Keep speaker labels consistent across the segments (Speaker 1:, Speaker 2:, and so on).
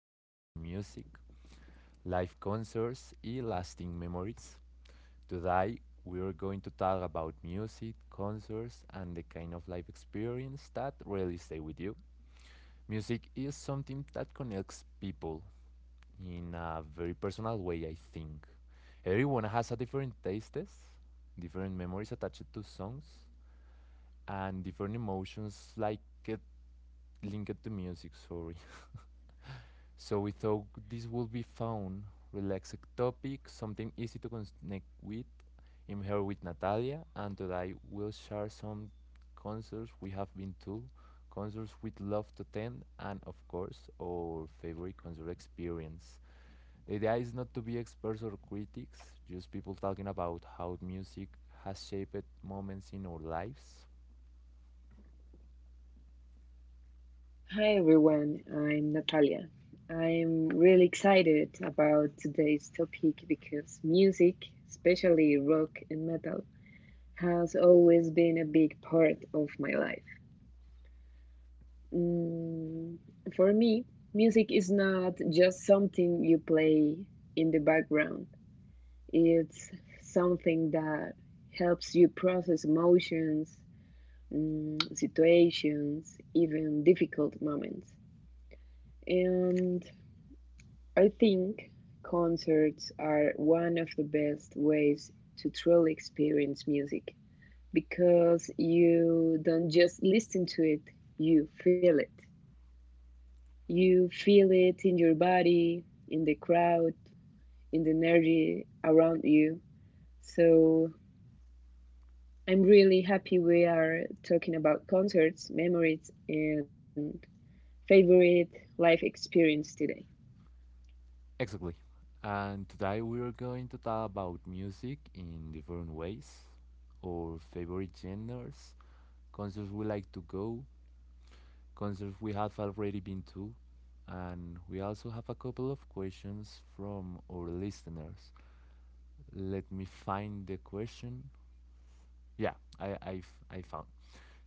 Speaker 1: More Than Music, Live Concerts and Lasting Memories. Today, we are going to talk about music, concerts, and the kind of life experience that really stay with you. Music is something that connects people in a very personal way, I think. Everyone has a different tastes, different memories attached to songs, and different emotions like it linked to music, sorry. So we thought this would be fun, relaxed topic, something easy to connect with. I'm here with Natalia, and today we'll share some concerts we have been to, concerts we'd love to attend, and of course, our favorite concert experience. The idea is not to be experts or critics, just people talking about how music has shaped moments in our lives.
Speaker 2: Hi everyone, I'm Natalia. I'm really excited about today's topic because music, especially rock and metal, has always been a big part of my life. Mm, for me, music is not just something you play in the background, it's something that helps you process emotions, situations, even difficult moments. And I think concerts are one of the best ways to truly experience music because you don't just listen to it, you feel it. You feel it in your body, in the crowd, in the energy around you. So I'm really happy we are talking about concerts, memories, and favorite life experience today.
Speaker 1: Exactly. And today we are going to talk about music in different ways, our favorite genres, concerts we like to go, concerts we have already been to, and we also have a couple of questions from our listeners. Let me find the question. Yeah, I found.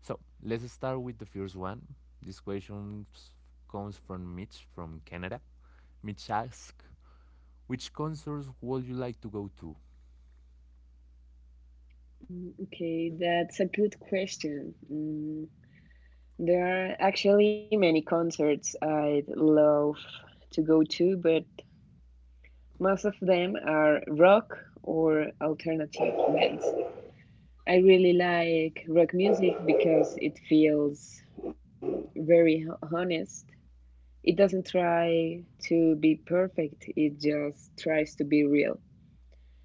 Speaker 1: So let's start with the first one. This question s- Comes from Mitch from Canada. Mitch asks, which concerts would you like to go to?
Speaker 2: Okay, that's a good question. There are actually many concerts I'd love to go to, but most of them are rock or alternative bands. I really like rock music because it feels very honest. It doesn't try to be perfect, it just tries to be real.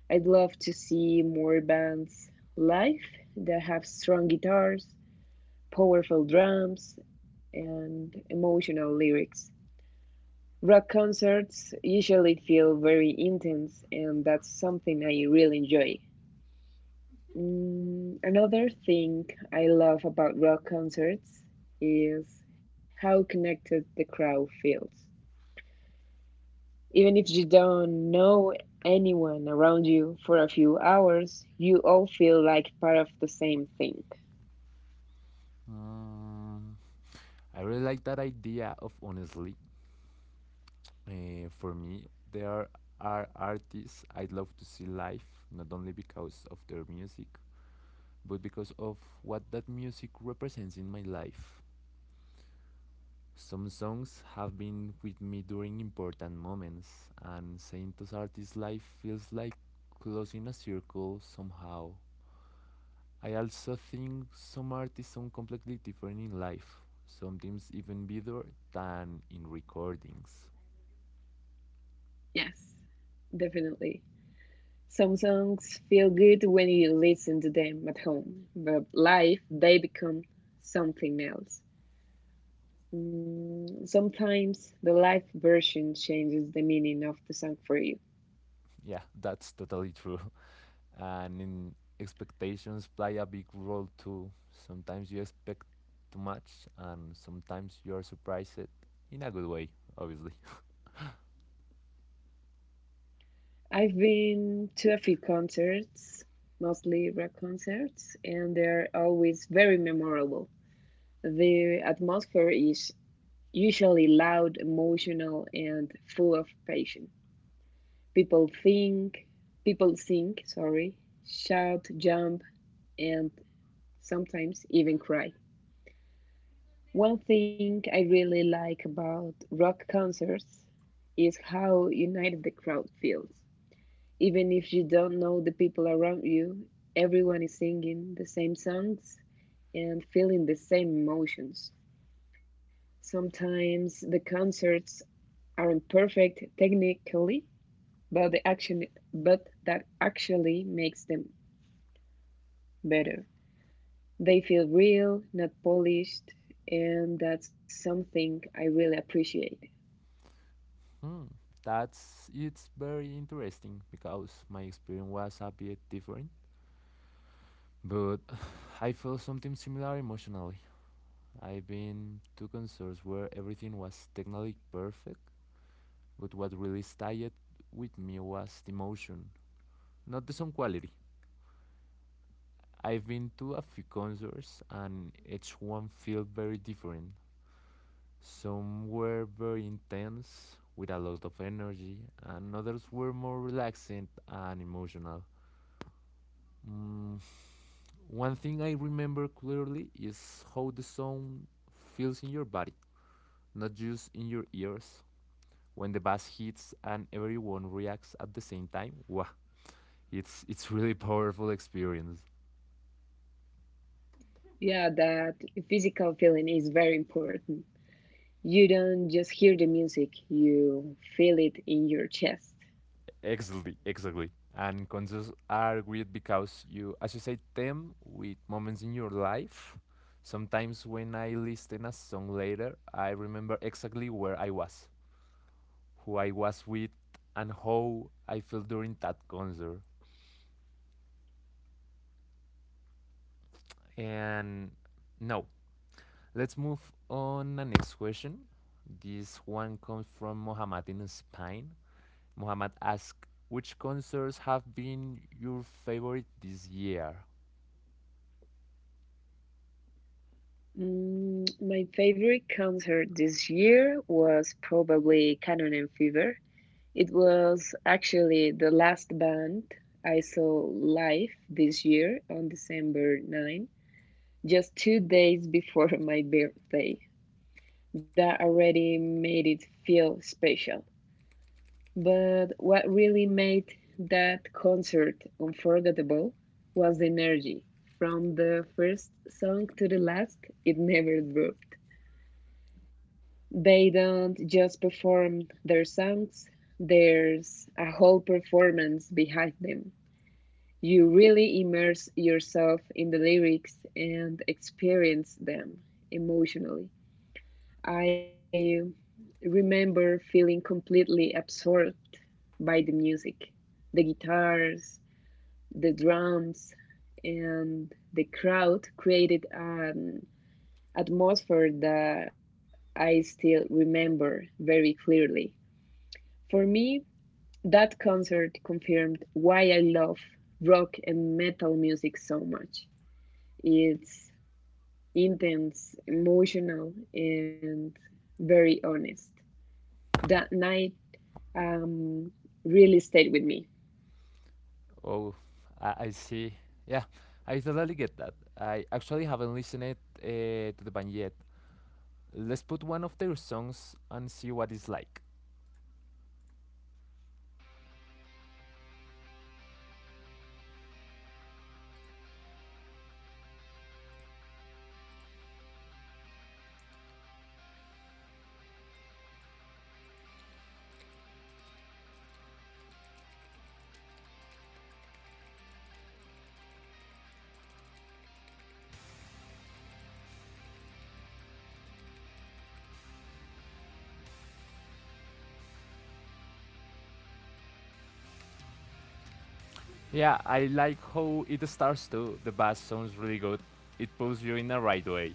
Speaker 2: I'd love to see more bands live that have strong guitars, powerful drums, and emotional lyrics. Rock concerts usually feel very intense, and that's something I really enjoy. Another thing I love about rock concerts is how connected the crowd feels. Even if you don't know anyone around you for a few hours, you all feel like part of the same thing.
Speaker 1: Uh, I really like that idea of honestly. For me, there are artists I'd love to see live, not only because of their music, but because of what that music represents in my life. Some songs have been with me during important moments, and seeing those artists live feels like closing a circle somehow. I also think some artists sound completely different in life, sometimes even better than in recordings.
Speaker 2: Yes, definitely. Some songs feel good when you listen to them at home, but live they become something else. Sometimes the live version changes the meaning of the song for you.
Speaker 1: Yeah, that's totally true. And in expectations play a big role too. Sometimes you expect too much, and sometimes you are surprised in a good way, obviously.
Speaker 2: I've been to a few concerts, mostly rock concerts, and they're always very memorable. The atmosphere is usually loud, emotional, and full of passion. People think, people sing, sorry, shout, jump, and sometimes even cry. One thing I really like about rock concerts is how united the crowd feels. Even if you don't know the people around you, everyone is singing the same songs and feeling the same emotions. Sometimes the concerts aren't perfect technically, but the action but that actually makes them better. They feel real, not polished, and that's something I really appreciate.
Speaker 1: Hmm, that's it's very interesting because my experience was a bit different, but I felt something similar emotionally. I've been to concerts where everything was technically perfect, but what really stayed with me was the emotion, not the sound quality. I've been to a few concerts and each one felt very different. Some were very intense, with a lot of energy, and others were more relaxing and emotional. Mm, One thing I remember clearly is how the sound feels in your body, not just in your ears. When the bass hits and everyone reacts at the same time, wow, it's really powerful experience.
Speaker 2: Yeah, that physical feeling is very important. You don't just hear the music, you feel it in your chest.
Speaker 1: Exactly, exactly. And concerts are great because you associate them with moments in your life. Sometimes when I listen a song later, I remember exactly where I was, who I was with, and how I felt during that concert. And now, let's move on the next question. This one comes from Mohammed in Spain. Muhammad asked, which concerts have been your favorite this year?
Speaker 2: My favorite concert this year was probably Cannon and Fever. It was actually the last band I saw live this year on December 9, just 2 days before my birthday. That already made it feel special. But what really made that concert unforgettable was the energy. From the first song to the last, it never dropped. They don't just perform their songs, there's a whole performance behind them. You really immerse yourself in the lyrics and experience them emotionally. I remember feeling completely absorbed by the music, the guitars, the drums, and the crowd created an atmosphere that I still remember very clearly. For me, that concert confirmed why I love rock and metal music so much. It's intense, emotional, and very honest. That night, um, really stayed with me.
Speaker 1: Oh, I see. Yeah, I totally get that. I actually haven't listened it, to the band yet. Let's put one of their songs and see what it's like. Yeah, I like how it starts too. The bass sounds really good. It pulls you in the right way.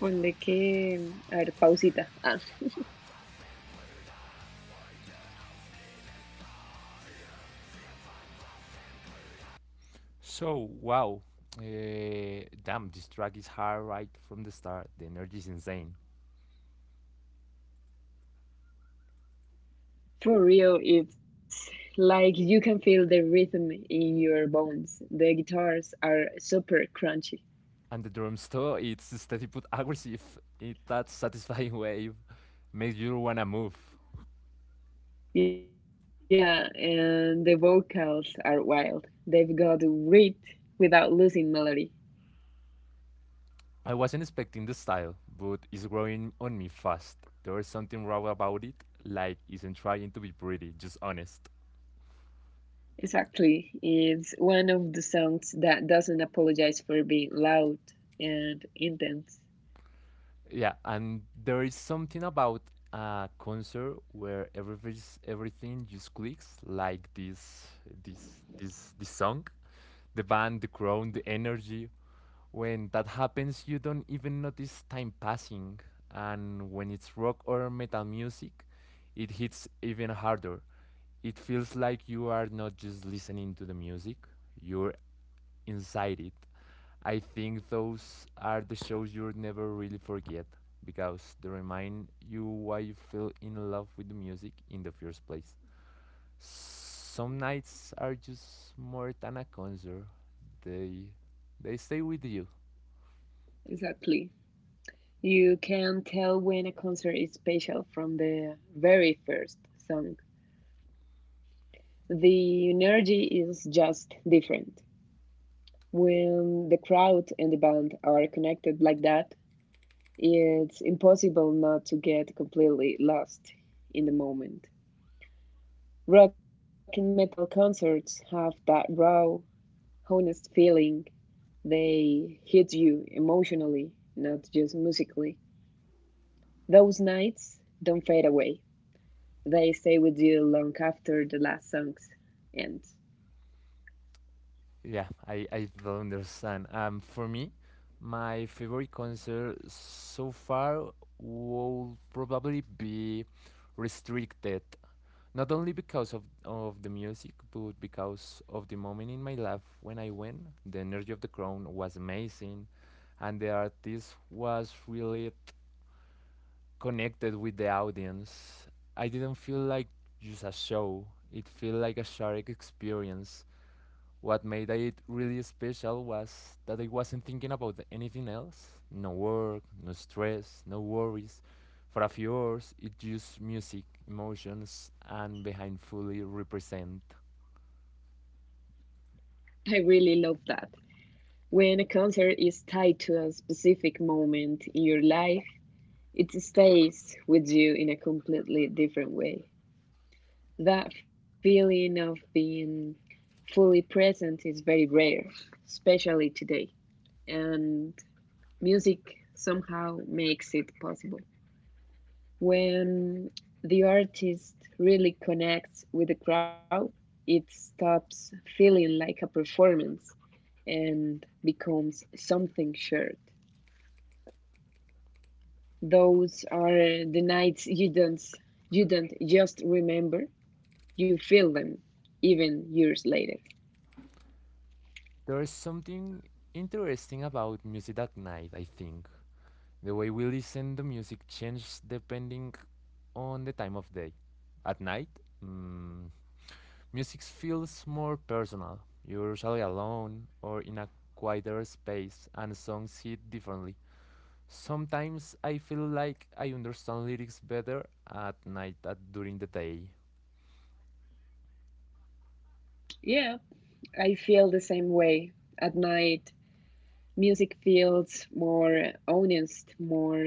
Speaker 2: Ponle que, a ver, pausita. Ah,
Speaker 1: So, wow. Damn, this track is hard right from the start. The energy is insane.
Speaker 2: for real, it's like you can feel the rhythm in your bones. The guitars are super crunchy.
Speaker 1: And the drums too, it's steady but aggressive in that satisfying way, makes you wanna move.
Speaker 2: Yeah, and the vocals are wild. They've got grit without losing melody.
Speaker 1: I wasn't expecting the style, but it's growing on me fast. There is something raw about it, like isn't trying to be pretty, just honest.
Speaker 2: Exactly. It's one of the songs that doesn't apologize for being loud and intense.
Speaker 1: Yeah, and there is something about a concert where everything just clicks, like this song. The band, the crowd, the energy, when that happens, you don't even notice time passing, and when it's rock or metal music, it hits even harder. It feels like you are not just listening to the music, you're inside it. I think those are the shows you'll never really forget because they remind you why you fell in love with the music in the first place. Some nights are just more than a concert. They they stay with you.
Speaker 2: Exactly. You can tell when a concert is special from the very first song. The energy is just different. When the crowd and the band are connected like that, it's impossible not to get completely lost in the moment. Rock and metal concerts have that raw, honest feeling. They hit you emotionally, not just musically. Those nights don't fade away. They stay with you long after the last songs end.
Speaker 1: Yeah, I don't understand. For me, my favorite concert so far will probably be restricted. Not only because of the music, but because of the moment in my life when I went. The energy of the crowd was amazing, and the artist was really connected with the audience. I didn't feel like just a show. It felt like a shared experience what made it really special was that I wasn't thinking about anything else no work, no stress, no worries. For a few hours, it's just music, emotions, and behind fully represent.
Speaker 2: I really love that. When a concert is tied to a specific moment in your life, it stays with you in a completely different way. That feeling of being fully present is very rare, especially today, and music somehow makes it possible. When the artist really connects with the crowd, it stops feeling like a performance and becomes something shared. Those are the nights you don't just remember, you feel them even years later.
Speaker 1: There is something interesting about music at night, I think. The way we listen to music changes depending on the time of day. At night, mm, music feels more personal, usually alone or in a quieter space, and songs hit differently. Sometimes I feel like I understand lyrics better at night than during the day.
Speaker 2: Yeah, I feel the same way. At night, music feels more honest, more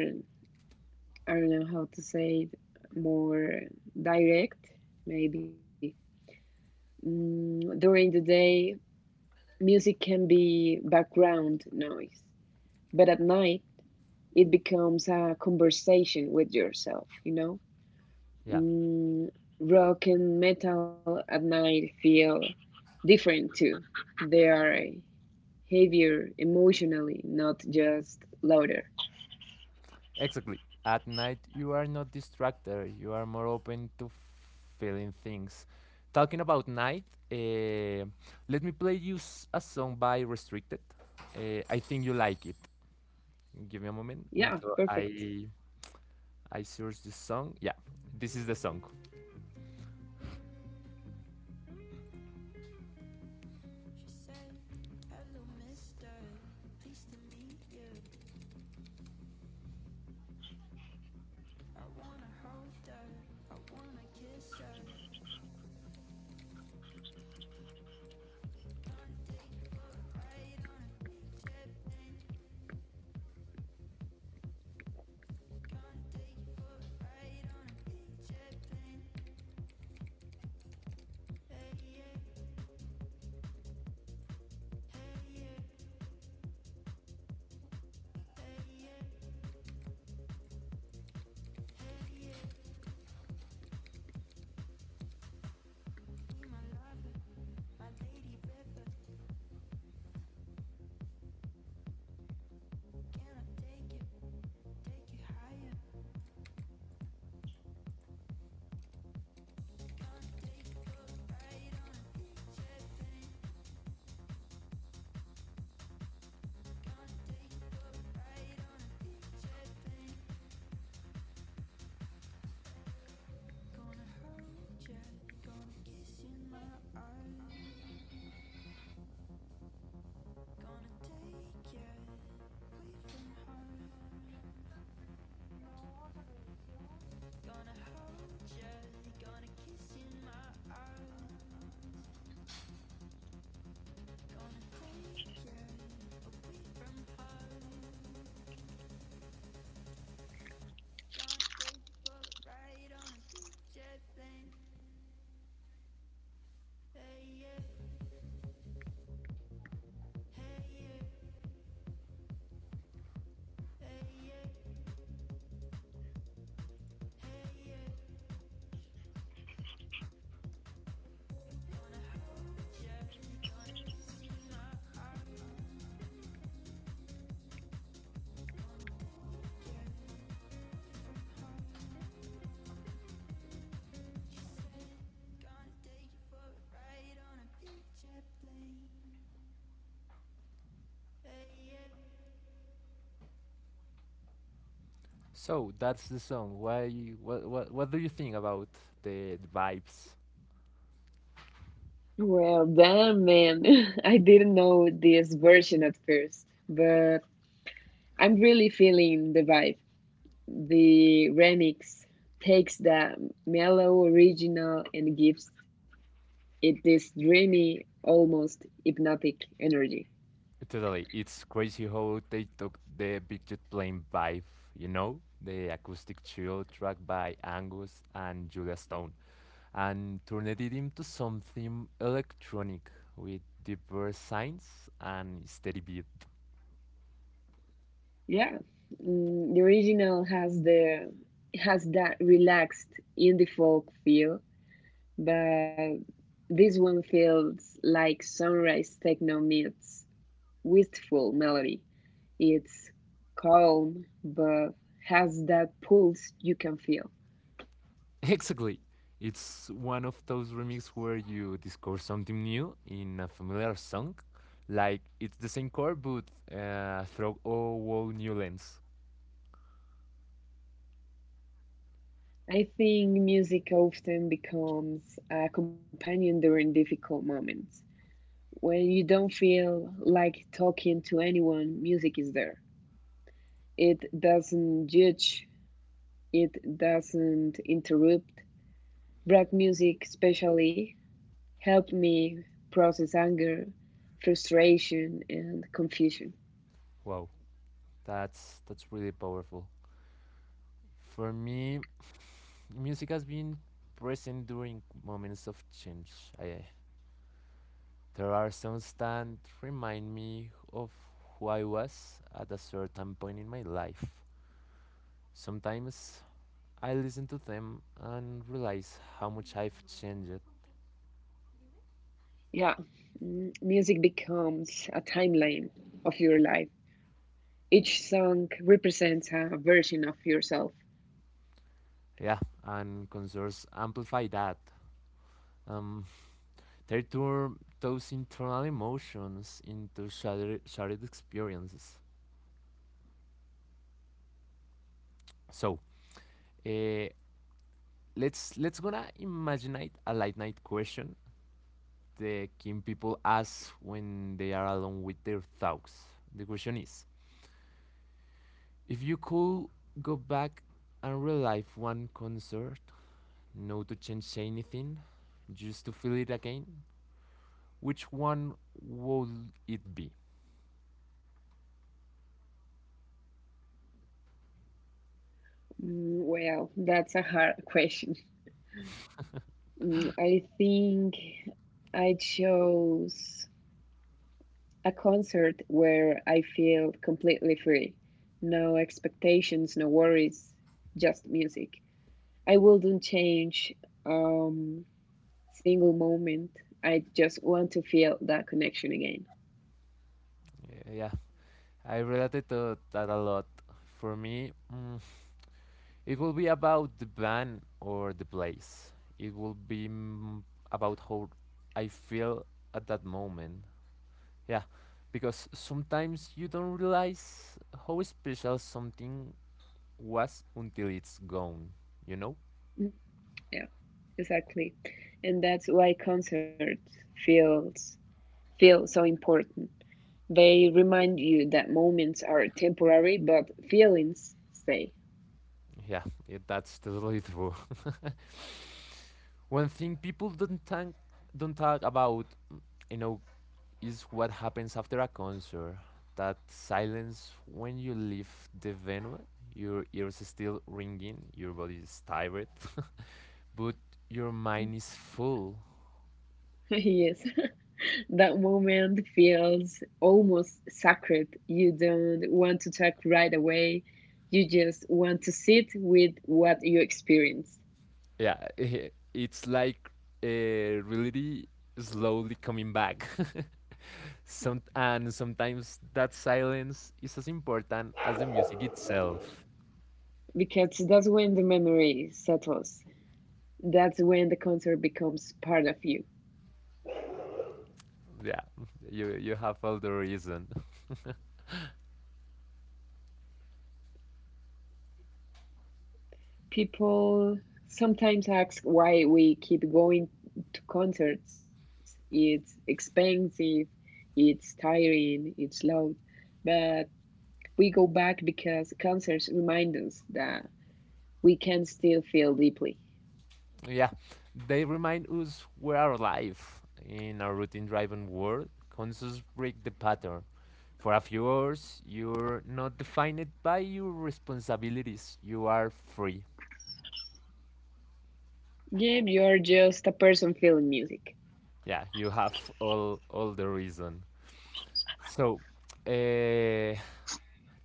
Speaker 2: I don't know how to say it more direct, maybe. During the day, music can be background noise, but at night, it becomes a conversation with yourself, you know?
Speaker 1: Yeah,
Speaker 2: Mm, Rock and metal at night feel different too. They are heavier emotionally, not just louder.
Speaker 1: exactly. At night, you are not distracted, you are more open to feeling things. Talking about night, eh, let me play you a song by Restricted. I think you like it. Give me a moment
Speaker 2: Yeah,
Speaker 1: until
Speaker 2: perfect.
Speaker 1: I searched the song. Yeah, this is the song. So that's the song. Why? What? What? What do you think about the vibes?
Speaker 2: Well damn, man. I didn't know this version at first, but I'm really feeling the vibe. The remix takes that mellow original and gives it this dreamy, almost hypnotic energy.
Speaker 1: Totally, it's crazy how they took the Big Jet Plane vibe. You know, the acoustic chill track by Angus and Julia Stone, and turned it into something electronic with deeper signs and steady beat.
Speaker 2: Yeah, the original has that relaxed indie folk feel, but this one feels like sunrise techno meets wistful melody. It's calm, but has that pulse you can feel.
Speaker 1: Exactly. It's one of those remixes where you discover something new in a familiar song. Like it's the same chord but through a whole new lens.
Speaker 2: I think music often becomes a companion during difficult moments. When you don't feel like talking to anyone, music is there. It doesn't judge, it doesn't interrupt. Black music, especially, helped me process anger, frustration, and confusion.
Speaker 1: Wow, that's really powerful. For me, music has been present during moments of change. I, there are songs that remind me of who I was at a certain point in my life. Sometimes I listen to them and realize how much I've changed.
Speaker 2: Yeah, music becomes a timeline of your life. Each song represents a version of yourself.
Speaker 1: Yeah, and concerts amplify that, um, they turn those internal emotions into shared experiences. So, uh, let's gonna imagine a late night question the king people ask when they are alone with their thoughts. The question is, if you could go back and relive one concert, no to change anything, just to feel it again, which one would it be?
Speaker 2: Well, that's a hard question. I think I chose a concert where I feel completely free. No expectations, no worries, just music. I wouldn't change um single moment. I just want to feel that connection again.
Speaker 1: Yeah, I related to that a lot. For me, it will be about the band or the place. It will be, about how I feel at that moment. Yeah, because sometimes you don't realize how special something was until it's gone, you know?
Speaker 2: Yeah, exactly, and that's why concerts feels feel so important. They remind you that moments are temporary but feelings stay.
Speaker 1: Yeah, it, that's totally true. One thing people don't talk about, you know, is what happens after a concert. That silence when you leave the venue, your ears is still ringing, your body is tired, but your mind is full.
Speaker 2: Yes. That moment feels almost sacred. You don't want to talk right away, you just want to sit with what you experience
Speaker 1: Yeah, it's like reality slowly coming back. Sometimes that silence is as important as the music itself.
Speaker 2: because that's when the memory settles. That's when the concert becomes part of you.
Speaker 1: Yeah, you have all the reason.
Speaker 2: People sometimes ask why we keep going to concerts. It's expensive, it's tiring, it's loud, but we go back because concerts remind us that we can still feel deeply.
Speaker 1: Yeah, they remind us we are alive in a routine driven world. Consoles break the pattern. For a few hours, you're not defined by your responsibilities. You are free.
Speaker 2: Yeah, you're just a person feeling music.
Speaker 1: Yeah, you have all the reason. So, uh,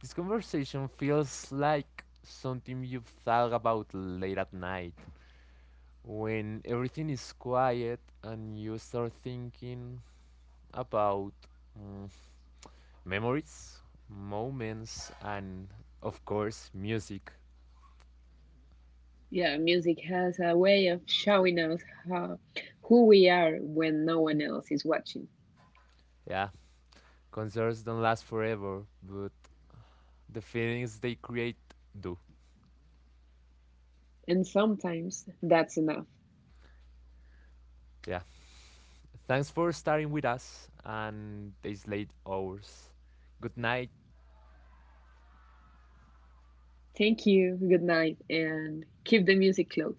Speaker 1: this conversation feels like something you've thought about late at night when everything is quiet and you start thinking about. mm, Memories, moments, and of course, music.
Speaker 2: Yeah, music has a way of showing us how, who we are when no one else is watching.
Speaker 1: Yeah, concerts don't last forever, but the feelings they create do.
Speaker 2: And sometimes that's enough.
Speaker 1: Yeah, thanks for starting with us and these late hours. Good night.
Speaker 2: Thank you. Good night and keep the music close.